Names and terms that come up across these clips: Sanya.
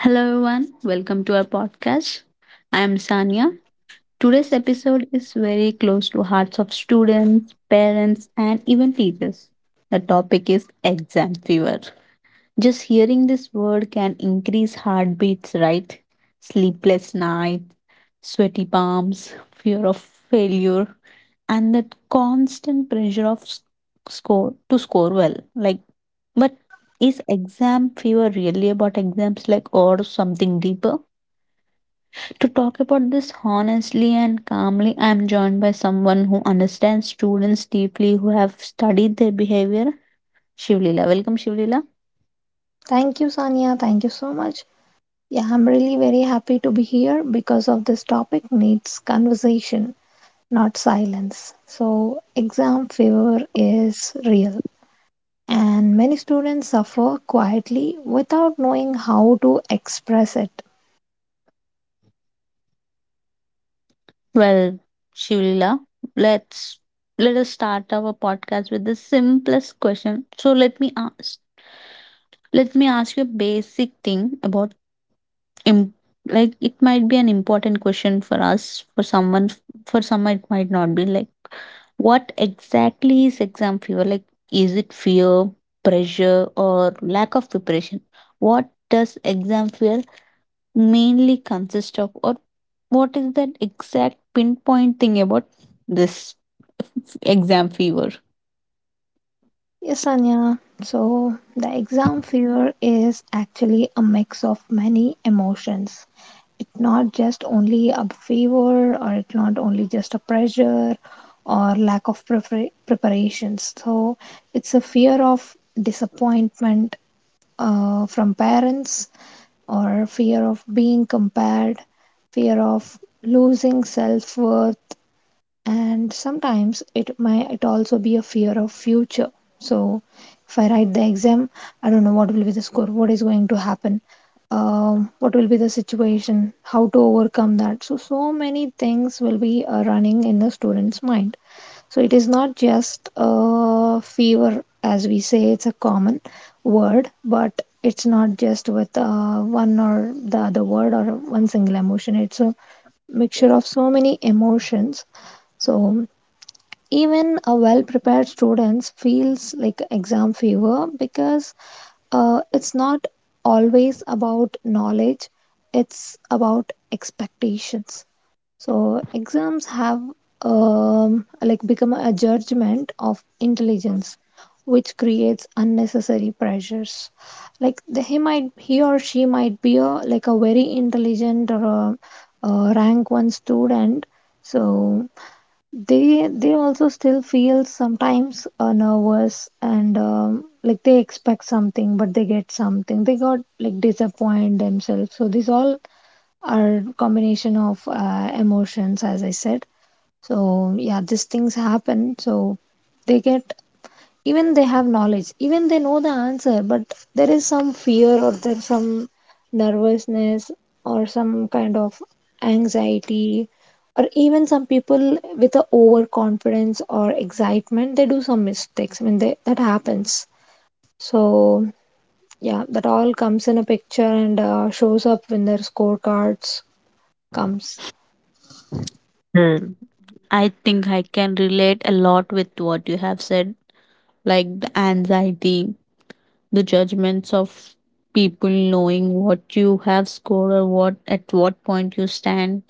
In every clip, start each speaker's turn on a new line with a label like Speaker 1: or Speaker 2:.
Speaker 1: Hello everyone, welcome to our podcast. I am Sanya. Today's episode is very close to hearts of students, parents and even teachers. The topic is exam fever. Just hearing this word can increase heartbeats, right? Sleepless nights, sweaty palms, fear of failure and that constant pressure of score to score well. Like but is exam fever really about exams like or something deeper? To talk about this honestly and calmly, I am joined by someone who understands students deeply who have studied their behavior. Shivlila. Welcome Shivlila.
Speaker 2: Thank you, Sanya. Thank you so much. Yeah, I'm really very happy to be here because of this topic needs conversation, not silence. So, exam fever is real, and many students suffer quietly without knowing how to express it.
Speaker 1: Well, Shivlila, let's let us start our podcast with the simplest question. So let me ask you a basic thing about Im- like it might be an important question for us, for someone, for some it might not be. Like what exactly is exam fever? Like is it fear, pressure or lack of preparation? What does exam fear mainly consist of, or what is that exact pinpoint thing about this exam fever?
Speaker 2: Yes, Sanya. So, the exam fever is actually a mix of many emotions. It's not just only a favor, or it's not only just a pressure or lack of preparations. So it's a fear of disappointment from parents, or fear of being compared, fear of losing self worth, and sometimes it might it also be a fear of future. So if I write the exam, I don't know what will be the score, what is going to happen, what will be the situation, how to overcome that. So so many things will be running in the student's mind. So it is not just a fever, as we say, it's a common word, but it's not just with one or the other word, or one single emotion. It's a mixture of so many emotions. So even a well-prepared students feels like exam fever because it's not always about knowledge, it's about expectations. So exams have like become a judgment of intelligence, which creates unnecessary pressures. Like he might, he or she might be a like a very intelligent or a rank one student. So they also still feel sometimes nervous, and like they expect something, but they get something, they got like disappoint themselves. So these all are combination of emotions, as I said. So yeah, these things happen. So they get, even they have knowledge, even they know the answer, but there is some fear, or there's some nervousness, or some kind of anxiety, or even some people with a overconfidence or excitement, they do some mistakes. I mean, that happens. So yeah, that all comes in a picture, and shows up when their scorecards comes.
Speaker 1: Hmm. I think I can relate a lot with what you have said, like the anxiety, the judgments of people knowing what you have scored or what at what point you stand.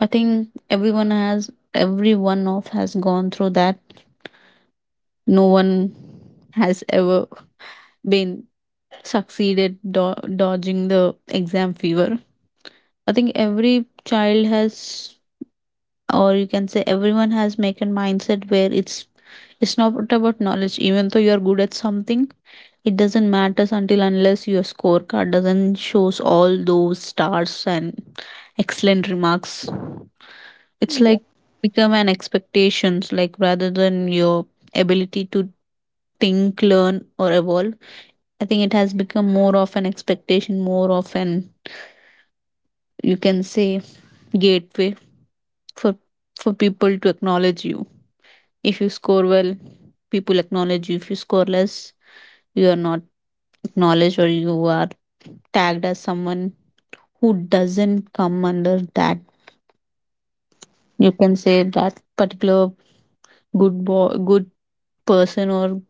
Speaker 1: I think everyone has, every one of has gone through that. No one has ever been succeeded dodging the exam fever. I think every child has, or you can say everyone has make a mindset where it's not about knowledge. Even though you are good at something, it doesn't matters until unless your scorecard doesn't shows all those stars and excellent remarks. It's
Speaker 2: Yeah,
Speaker 1: like become an expectations, like rather than your ability to think, learn or evolve. I think it has become more of an expectation, more of an, you can say, gateway for for people to acknowledge you. If you score well, people acknowledge you. If you score less, you are not acknowledged, or you are tagged as someone who doesn't come under that. You can say that particular good boy, good person or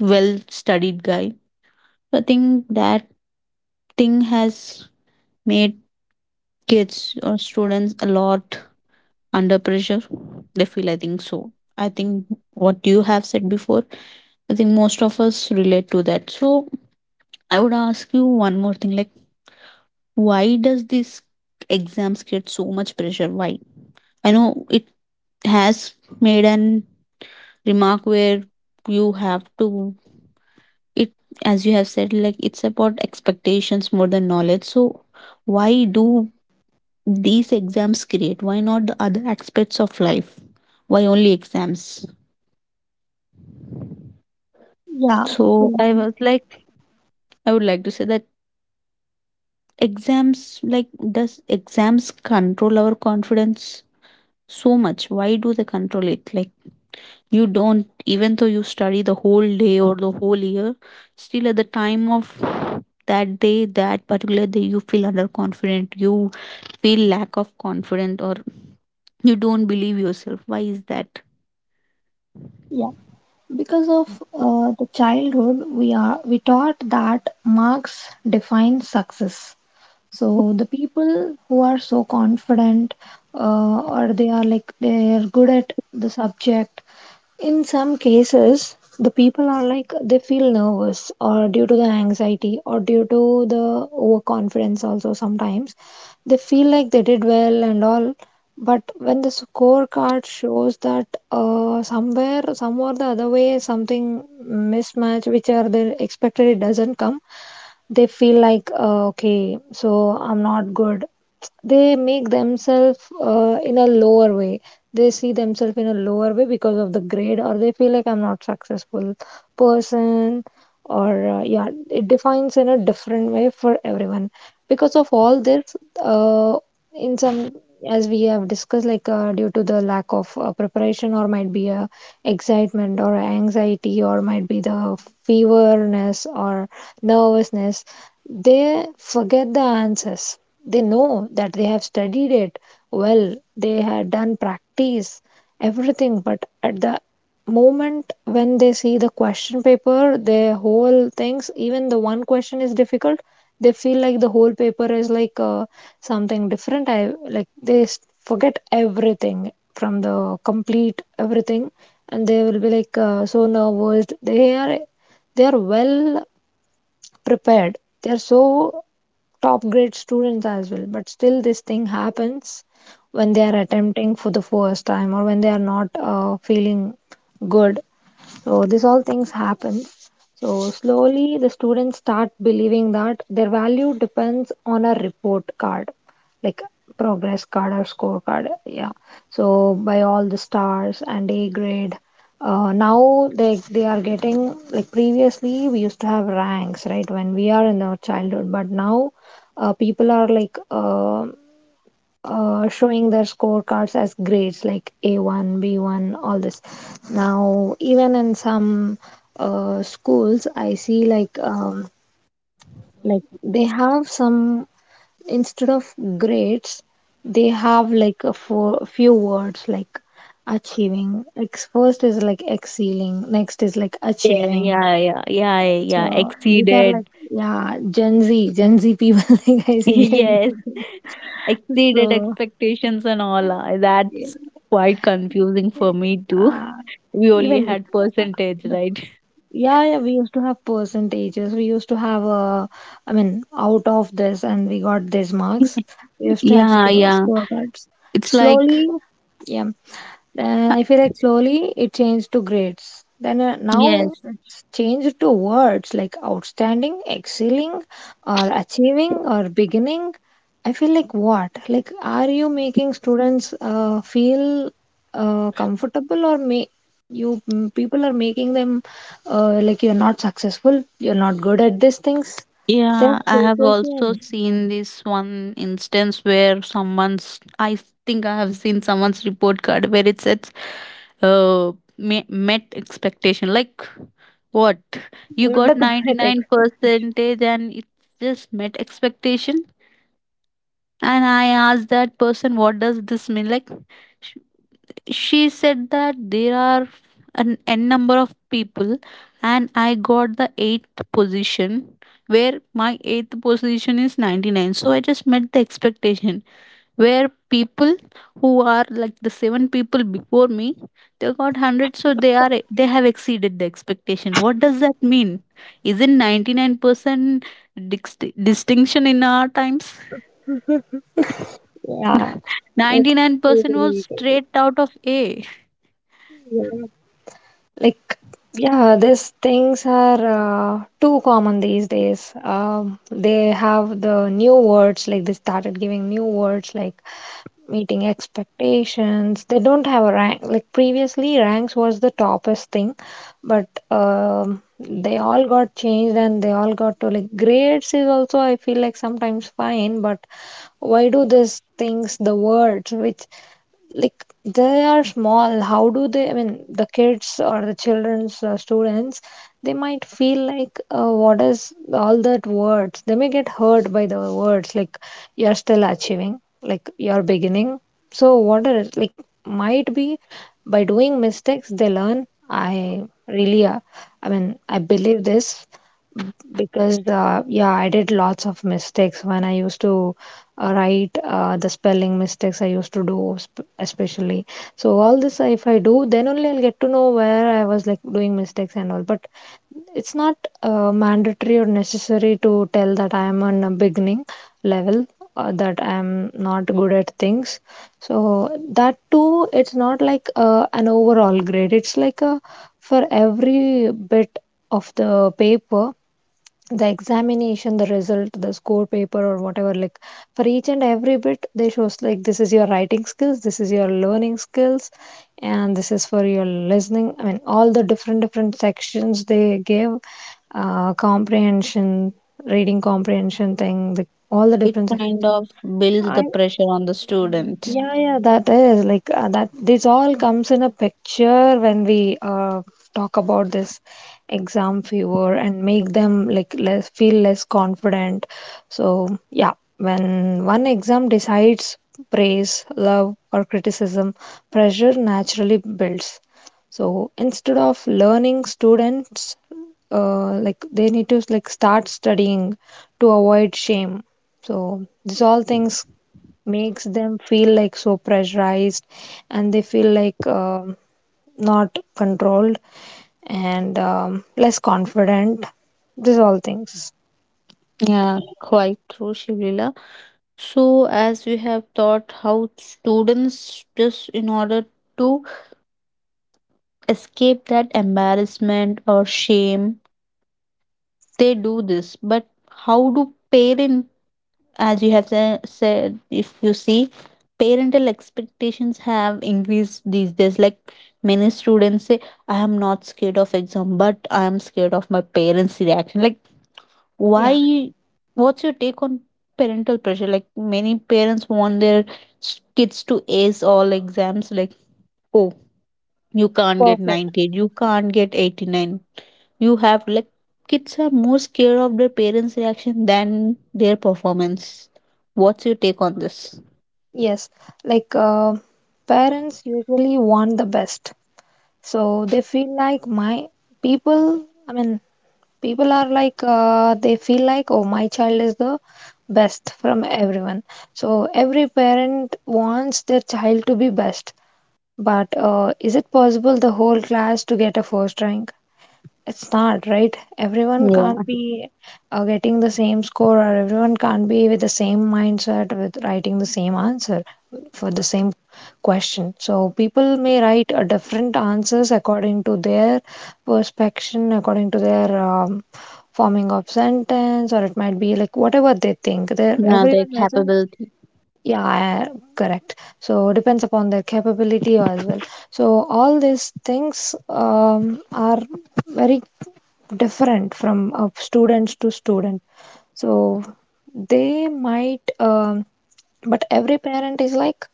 Speaker 1: well studied guy. So, I think that thing has made kids or students a lot under pressure. They feel, I think so. I think what you have said before, I think most of us relate to that. So I would ask you one more thing, like, why does this exams create so much pressure? Why? I know it has made an remark where you have to, it, as you have said, like it's about expectations more than knowledge. So, why do these exams create? Why not the other aspects of life? Why only exams?
Speaker 2: yeah.
Speaker 1: So,
Speaker 2: So,
Speaker 1: I was like, I would like to say that exams, like, does exams control our confidence so much? Why do they control it? Like you don't, even though you study the whole day or the whole year, still at the time of that day, that particular day, you feel underconfident, you feel lack of confidence, or you don't believe yourself. Why is that?
Speaker 2: yeah, because of the childhood we are we taught that marks define success. So the people who are so confident, or they are like they are good at the subject, in some cases the people are like they feel nervous, or due to the anxiety, or due to the overconfidence also sometimes they feel like they did well and all, but when the scorecard shows that somewhere some or the other way something mismatch which are they expected, it doesn't come, they feel like okay, so I'm not good. They make themselves in a lower way, they see themselves in a lower way because of the grade, or they feel like I'm not successful person. Or yeah, it defines in a different way for everyone. Because of all this, in some, as we have discussed, like due to the lack of preparation, or might be a excitement or anxiety, or might be the feverness or nervousness, they forget the answers. They know that they have studied it well, they had done practice everything, but at the moment when they see the question paper, their whole things, even the one question is difficult, they feel like the whole paper is like something different. I like forget everything from the complete everything, and they will be like so nervous. They are well prepared. They're so top grade students as well, but still this thing happens when they are attempting for the first time, or when they are not feeling good. So this all things happen. So slowly the students start believing that their value depends on a report card, like progress card or scorecard. Yeah. So by all the stars and A grade. Now they are getting like previously we used to have ranks, right, when we are in our childhood, but now people are like showing their scorecards as grades like A1, B1, all this. Now, even in some schools, I see like they have some, instead of grades, they have like a four, few words like achieving. Like first is like excelling, next is like
Speaker 1: Yeah,
Speaker 2: achieving.
Speaker 1: yeah, yeah, yeah, yeah.
Speaker 2: So these are like
Speaker 1: Exceeded.
Speaker 2: yeah, Gen Z, Gen Z people like I say Gen
Speaker 1: Yes.
Speaker 2: Z.
Speaker 1: Exceeded
Speaker 2: So.
Speaker 1: expectations and all.
Speaker 2: Yeah.
Speaker 1: That's quite confusing for me too.
Speaker 2: uh,
Speaker 1: We only
Speaker 2: Even like
Speaker 1: had
Speaker 2: uh,
Speaker 1: percentage,
Speaker 2: the
Speaker 1: right?
Speaker 2: yeah, yeah, we used to have percentages. We used to have I mean, out of this and we got these marks. We used to have
Speaker 1: Yeah, yeah.
Speaker 2: scorecards.
Speaker 1: It's like
Speaker 2: Slowly, yeah. Then
Speaker 1: uh,
Speaker 2: I feel like slowly it changed to grades. Then
Speaker 1: yes.
Speaker 2: now it's changed to words like outstanding, excelling, or achieving, or beginning. I feel like what? Like, are you making students feel comfortable, or may you people are making them like you're not successful, you're not good at these things. They're
Speaker 1: Yeah, I have also
Speaker 2: showcasing,
Speaker 1: seen this one instance where someone's, I think I have seen someone's report card where it says uh met expectation. Like what? You
Speaker 2: what
Speaker 1: got
Speaker 2: did that
Speaker 1: 99
Speaker 2: expect.
Speaker 1: percentage and it just met expectation. And I asked that person, what does this mean? Like sh- she said that there are an n number of people and I got the eighth position, where my eighth position is 99, so I just met the expectation, where people who are like the seven people before me, they got 100, so they are, they have exceeded the expectation. What does that mean? Isn't 99% distinction in our times?
Speaker 2: Yeah, it's
Speaker 1: 99% was
Speaker 2: really-
Speaker 1: straight out of a,
Speaker 2: yeah. Like yeah, these things are too common these days. They have the new words, like they started giving new words like meeting expectations. They don't have a rank, like previously ranks was the toppest thing, but they all got changed, and they all got to like grades is also, I feel like sometimes fine, but why do these things, the words which, like they are small, how do they, I mean the kids or the children's students, they might feel like what is all that words, they may get hurt by the words, like you're still achieving, like you're beginning. So what are it like, might be by doing mistakes they learn. I really I mean I believe this, because yeah, I did lots of mistakes when I used to right, the spelling mistakes I used to do especially. So all this, if I do, then only I'll get to know where I was like doing mistakes and all, but it's not mandatory or necessary to tell that I am on a beginning level, that I am not good at things. So that too, it's not like an overall grade, it's like a for every bit of the paper, the examination, the result, the score paper or whatever, like for each and every bit they shows like this is your writing skills, this is your learning skills, and this is for your listening, I mean all the different sections they gave. Comprehension, reading comprehension thing, all the
Speaker 1: it
Speaker 2: different sections.
Speaker 1: kind of builds the
Speaker 2: I
Speaker 1: pressure on the student.
Speaker 2: Yeah, yeah, that is like that. This all comes in a picture when we talk about this exam fever, and make them like less feel less confident. So, yeah, when one exam decides praise, love, or criticism, pressure naturally builds. So, instead of learning, students like they need to like start studying to avoid shame. So, these all things makes them feel like so pressurized, and they feel like not controlled, and less confident. These all things.
Speaker 1: Yeah, quite true, Shivlila. So, as we have taught how students just in order to escape that embarrassment or shame, they do this. But how do parents? As you have said, if you see, parental expectations have increased these days. Like many students say, I am not scared of exam, but I am scared of my parents' reaction. Like,
Speaker 2: Yeah,
Speaker 1: why? What's your take on parental pressure? Like, many parents want their kids to ace all exams. Like, oh, you can't get
Speaker 2: perfect.
Speaker 1: 98, you can't get 89, you have like kids are more scared of their parents reaction than their performance. What's your take on this?
Speaker 2: Yes, like parents usually want the best, so they feel like my people. I mean, people are like they feel like oh, my child is the best from everyone. So every parent wants their child to be best. But is it possible the whole class to get a first rank? It's not, right? Everyone can't
Speaker 1: Yeah,
Speaker 2: be getting the same score, or everyone can't be with the same mindset with writing the same answer for the same question. So people may write different answers according to their perspection, according to their forming of sentence, or it might be like whatever they think. There,
Speaker 1: yeah, their
Speaker 2: everyone has a
Speaker 1: capability.
Speaker 2: yeah, correct. So depends upon their capability as well. So all these things are very different from students to student. So they might, but every parent is like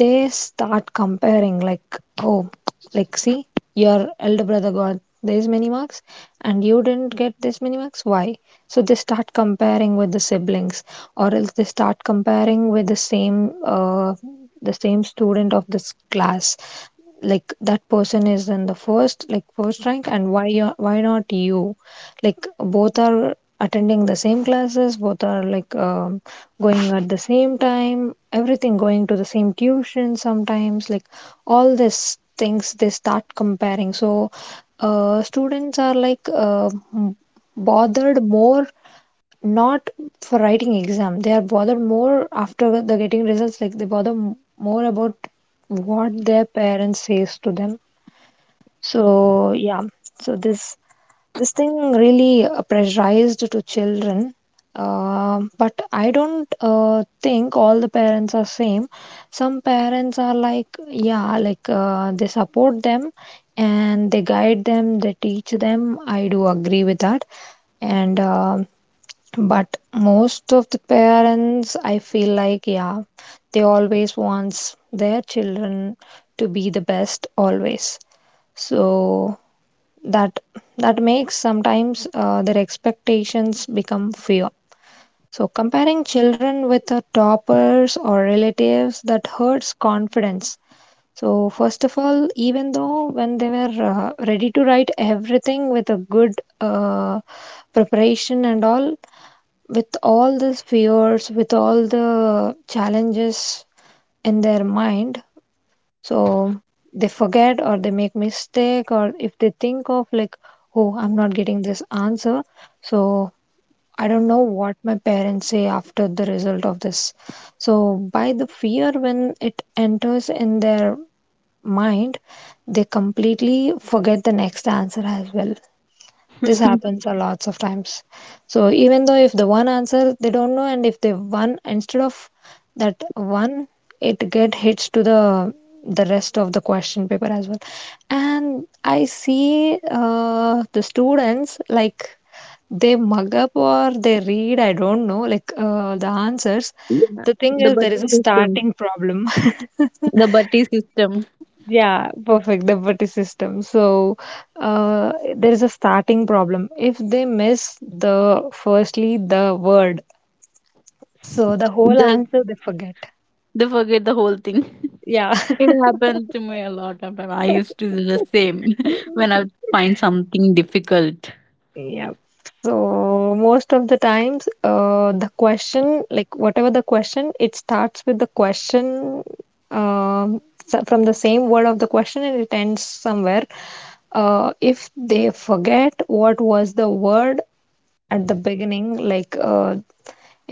Speaker 2: they start comparing like, oh, like, see, your elder brother got this many marks and you didn't get this many marks, why? So they start comparing with the siblings, or else they start comparing with the same student of this class, like that person is in the first, like, first rank, and why you, why not you, like both are attending the same classes, both are like, going at the same time, everything going to the same tuition sometimes, like all these things they start comparing. So students are like m- bothered more, not for writing exam, they are bothered more after the getting results, like they bother more about what their parents says to them. So, yeah, so this thing really pressurized to children. Um, but I don't think all the parents are same. Some parents are like, yeah, like they support them, and they guide them, they teach them. I do agree with that. And but most of the parents, I feel like, yeah, they always wants their children to be the best always. So that that makes sometimes their expectations become fear. So comparing children with the toppers or relatives, that hurts confidence. So first of all, even though when they were ready to write everything with a good uh, preparation and all, with all these fears, with all the challenges in their mind, so they forget or they make mistake, or if they think of like, oh, I'm not getting this answer, so I don't know what my parents say after the result of this. So by the fear when it enters in their mind, they completely forget the next answer as well. This happens a lots of times. So even though if the one answer they don't know, and if they one instead of that one, it get hits to the rest of the question paper as well. And I see the students like they mug up or they read, I don't know, like the answers,
Speaker 1: Yeah,
Speaker 2: the thing
Speaker 1: the
Speaker 2: is there
Speaker 1: buddy
Speaker 2: is a
Speaker 1: system.
Speaker 2: starting problem.
Speaker 1: The buddy system.
Speaker 2: Yeah, perfect. The buddy system. So, there is a starting problem. If they miss the firstly the word, so the whole
Speaker 1: they,
Speaker 2: answer they forget.
Speaker 1: they forget the whole thing.
Speaker 2: Yeah.
Speaker 1: It happened to me a lot of time, I used to do the same when I would find something difficult.
Speaker 2: Yeah. So most of the times, the question, like whatever the question, it starts with the question, um, from the same word of the question, and it ends somewhere. If they forget what was the word at the beginning, like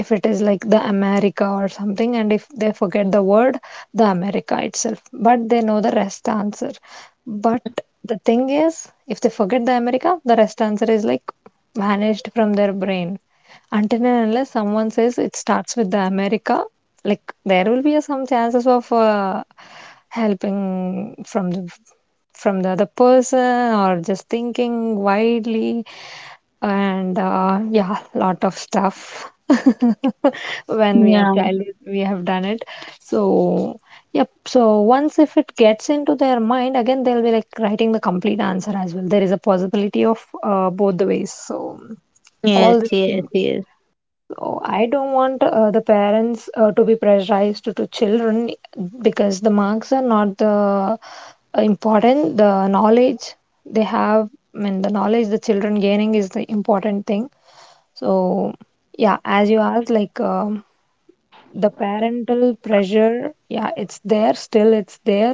Speaker 2: if it is like the America or something, and if they forget the word, the America itself. But they know the rest answer. But the thing is, if they forget the America, the rest answer is like vanished from their brain. Until and unless someone says it starts with the America, like there will be some chances of helping from the other person, or just thinking widely and yeah, lot of stuff. When we are
Speaker 1: Yeah,
Speaker 2: child, we have done it. So, yep, so once if it gets into their mind again, they'll be like writing the complete answer as well. There is a possibility of both the ways. So
Speaker 1: yes,
Speaker 2: all these
Speaker 1: yes,
Speaker 2: things,
Speaker 1: yes,
Speaker 2: so I don't want the parents to be pressurized to children, because the marks are not the important, the knowledge they have, I mean the knowledge the children gaining is the important thing. So, yeah, as you asked, like, the parental pressure, yeah, it's there, still it's there.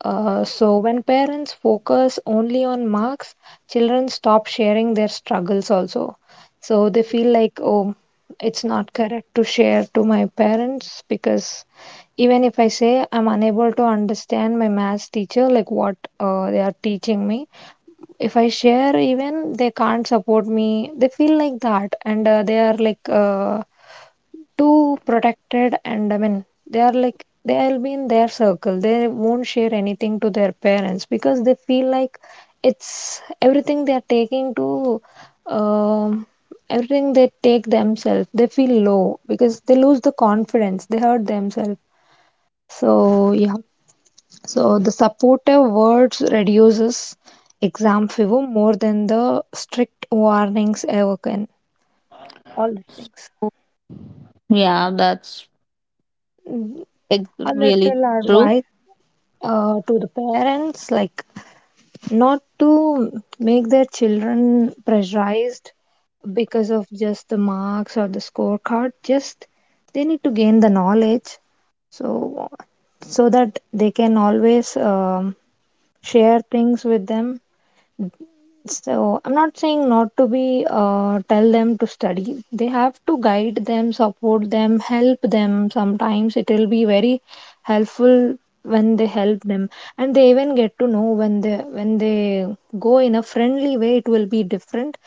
Speaker 2: So, when parents focus only on marks, children stop sharing their struggles also. So, they feel like, oh, it's not correct to share to my parents, because even if I say I'm unable to understand my maths teacher, like what they are teaching me, if I share, even they can't support me. They feel like that, and they are like too protected. And I mean, they are like they'll be in their circle. They won't share anything to their parents because they feel like it's everything they are taking to. Um, everything they take themselves, they feel low because they lose the confidence, they hurt themselves. So, yeah, so the supportive words reduces exam fever more than the strict warnings ever can. All the things.
Speaker 1: yeah, that's
Speaker 2: Mm.
Speaker 1: like
Speaker 2: A
Speaker 1: really
Speaker 2: little
Speaker 1: true.
Speaker 2: advice to the parents, like not to make their children pressurized because of just the marks or the scorecard. Just they need to gain the knowledge, so so that they can always share things with them. So I'm not saying not to be tell them to study. They have to guide them, support them, help them. Sometimes it will be very helpful when they help them, and they even get to know when they go in a friendly way, it will be different,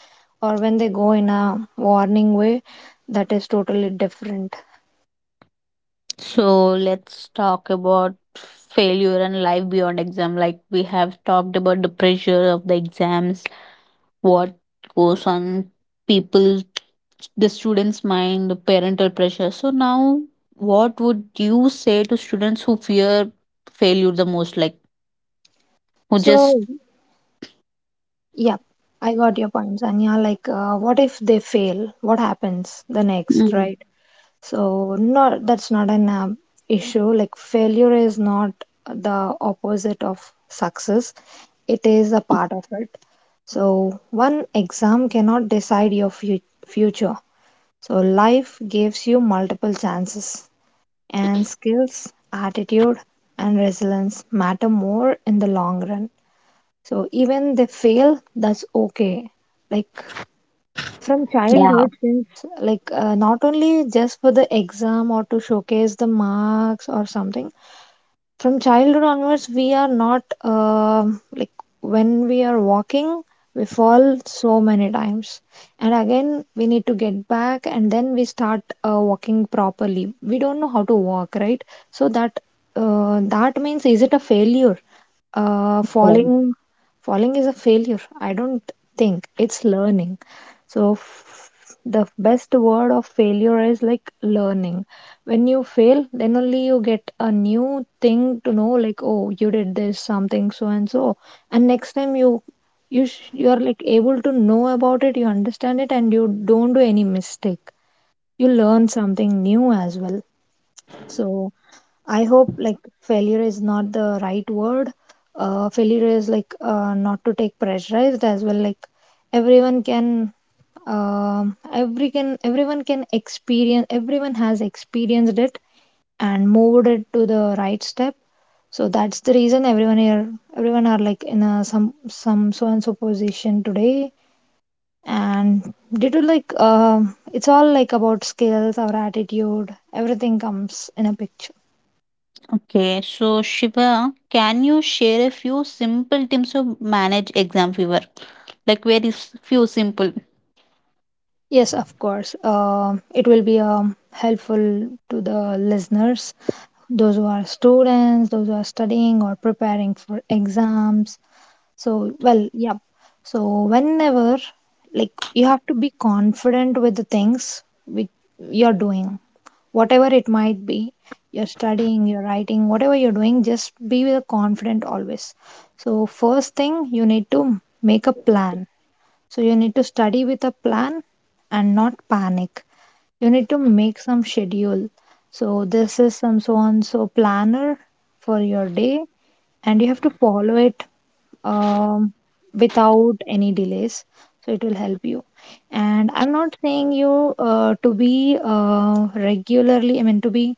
Speaker 2: or when they go in a warning way, that is totally different.
Speaker 1: So let's talk about failure and life beyond exam. Like we have talked about the pressure of the exams, what goes on people, the students' mind, the parental pressure. So now, what would you say to students who fear failure the most? Like who just,
Speaker 2: So yeah, I got your point, Anya. Like, what if they fail? What happens the next,
Speaker 1: mm,
Speaker 2: right? So not, that's not an issue. Like, failure is not the opposite of success. It is a part of it. So one exam cannot decide your future. So life gives you multiple chances, and skills, attitude and resilience matter more in the long run. So even they fail, that's okay. Like, from
Speaker 1: yeah.
Speaker 2: childhood since, like not only just for the exam or to showcase the marks or something, from childhood onwards we are not like, when we are walking, we fall so many times, and again we need to get back, and then we start walking properly. We don't know how to walk, right? So that that means, is it a failure? Uh,
Speaker 1: Oh.
Speaker 2: falling, falling is a failure? I don't think it's learning. So the best word of failure is like learning. When you fail, then only you get a new thing to know, like, oh, you did this something so and so, and next time you, you are like able to know about it, you understand it, and you don't do any mistake, you learn something new as well. So I hope, like, failure is not the right word. Uh, failure is like not to take pressurized as well, like everyone can, everyone can experience, everyone has experienced it and moved it to the right step. So that's the reason, everyone here, everyone are like in a some so and so position today. And due to, like, um, it's all like about skills, our attitude, everything comes in a picture.
Speaker 1: Okay, so Shiva, can you share a few simple tips to manage exam fever? Like very few simple.
Speaker 2: Yes, of course. Um, it will be helpful to the listeners, those who are students, those who are studying or preparing for exams. So, well, yeah. So, whenever, like, you have to be confident with the things which you're doing, whatever it might be, you're studying, you're writing, whatever you're doing, just be with confident always. So, first thing, you need to make a plan. So you need to study with a plan and not panic. You need to make some schedule. So this is some so and so planner for your day, and you have to follow it um, without any delays. So it will help you. And I'm not saying you to be regularly, I mean, to be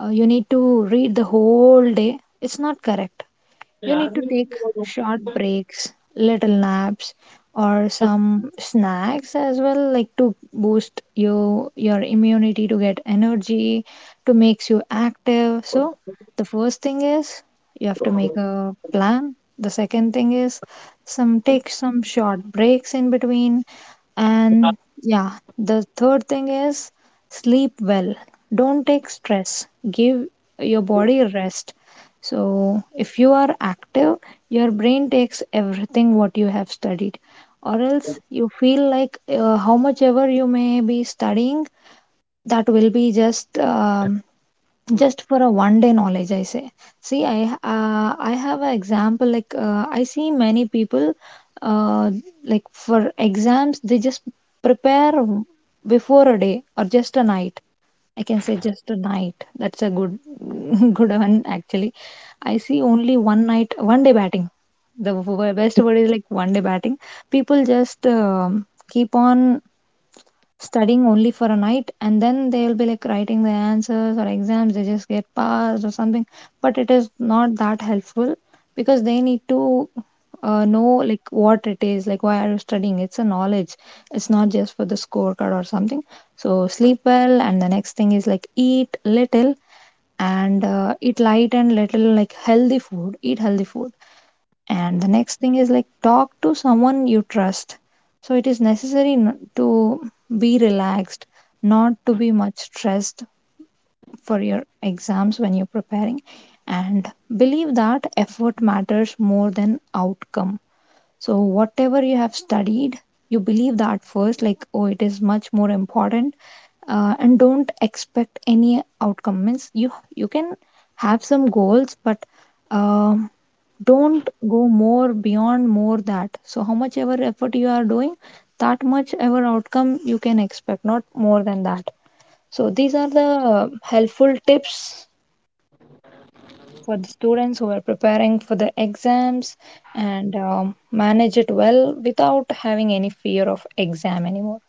Speaker 2: you need to read the whole day. It's not correct. You need to take short breaks, little naps, or some snacks as well, like to boost your immunity, to get energy, to makes you active. So the first thing is you have to make a plan. The second thing is, some take some short breaks in between, and yeah, the third thing is sleep well. Don't take stress. Give your body rest. So, if you are active, your brain takes everything what you have studied, or else you feel like, how much ever you may be studying, that will be just for a one day knowledge, I say. See, I I have an example, like I see many people, uh, like, for exams they just prepare before a day or just a night. I can say just a night, that's a good good one actually. I see only one night, one day batting, the best word is like one day batting. People just keep on studying only for a night, and then they'll be like writing the answers or exams, they just get passed or something. But it is not that helpful, because they need to know, like, what it is, like, why are you studying? It's a knowledge. It's not just for the scorecard or something. So sleep well, and the next thing is like eat little, and eat light and little, like healthy food, eat healthy food. And the next thing is like talk to someone you trust. So it is necessary to be relaxed, not to be much stressed for your exams when you're preparing, and believe that effort matters more than outcome. So, whatever you have studied, you believe that first, like, oh, it is much more important, and don't expect any outcome. Means, you can have some goals, but um, don't go more beyond more that. So, how much ever effort you are doing, that much ever outcome you can expect, not more than that. So, these are the helpful tips for the students who are preparing for the exams, and manage it well without having any fear of exam anymore.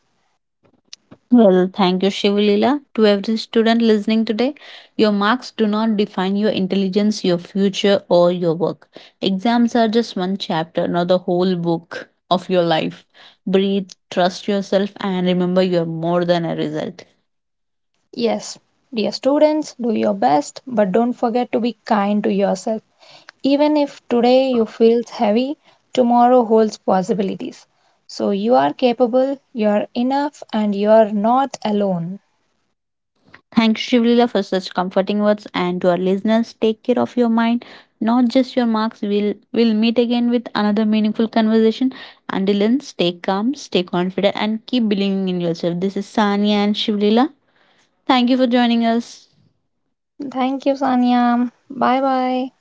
Speaker 1: Well, thank you, Shivalila. To every student listening today, your marks do not define your intelligence, your future, or your work. Exams are just one chapter, not the whole book of your life. Breathe, trust yourself, and remember you're more than a result.
Speaker 2: Yes, dear students, do your best, but don't forget to be kind to yourself. Even if today you feel heavy, tomorrow holds possibilities. So you are capable, you are enough, and you are not alone.
Speaker 1: Thanks, Shivlila, for such comforting words. And to our listeners, take care of your mind, not just your marks. We'll meet again with another meaningful conversation. Until then, stay calm, stay confident, and keep believing in yourself. This is Sania and Shivlila. Thank you for joining us.
Speaker 2: Thank you, Sanya. Bye bye.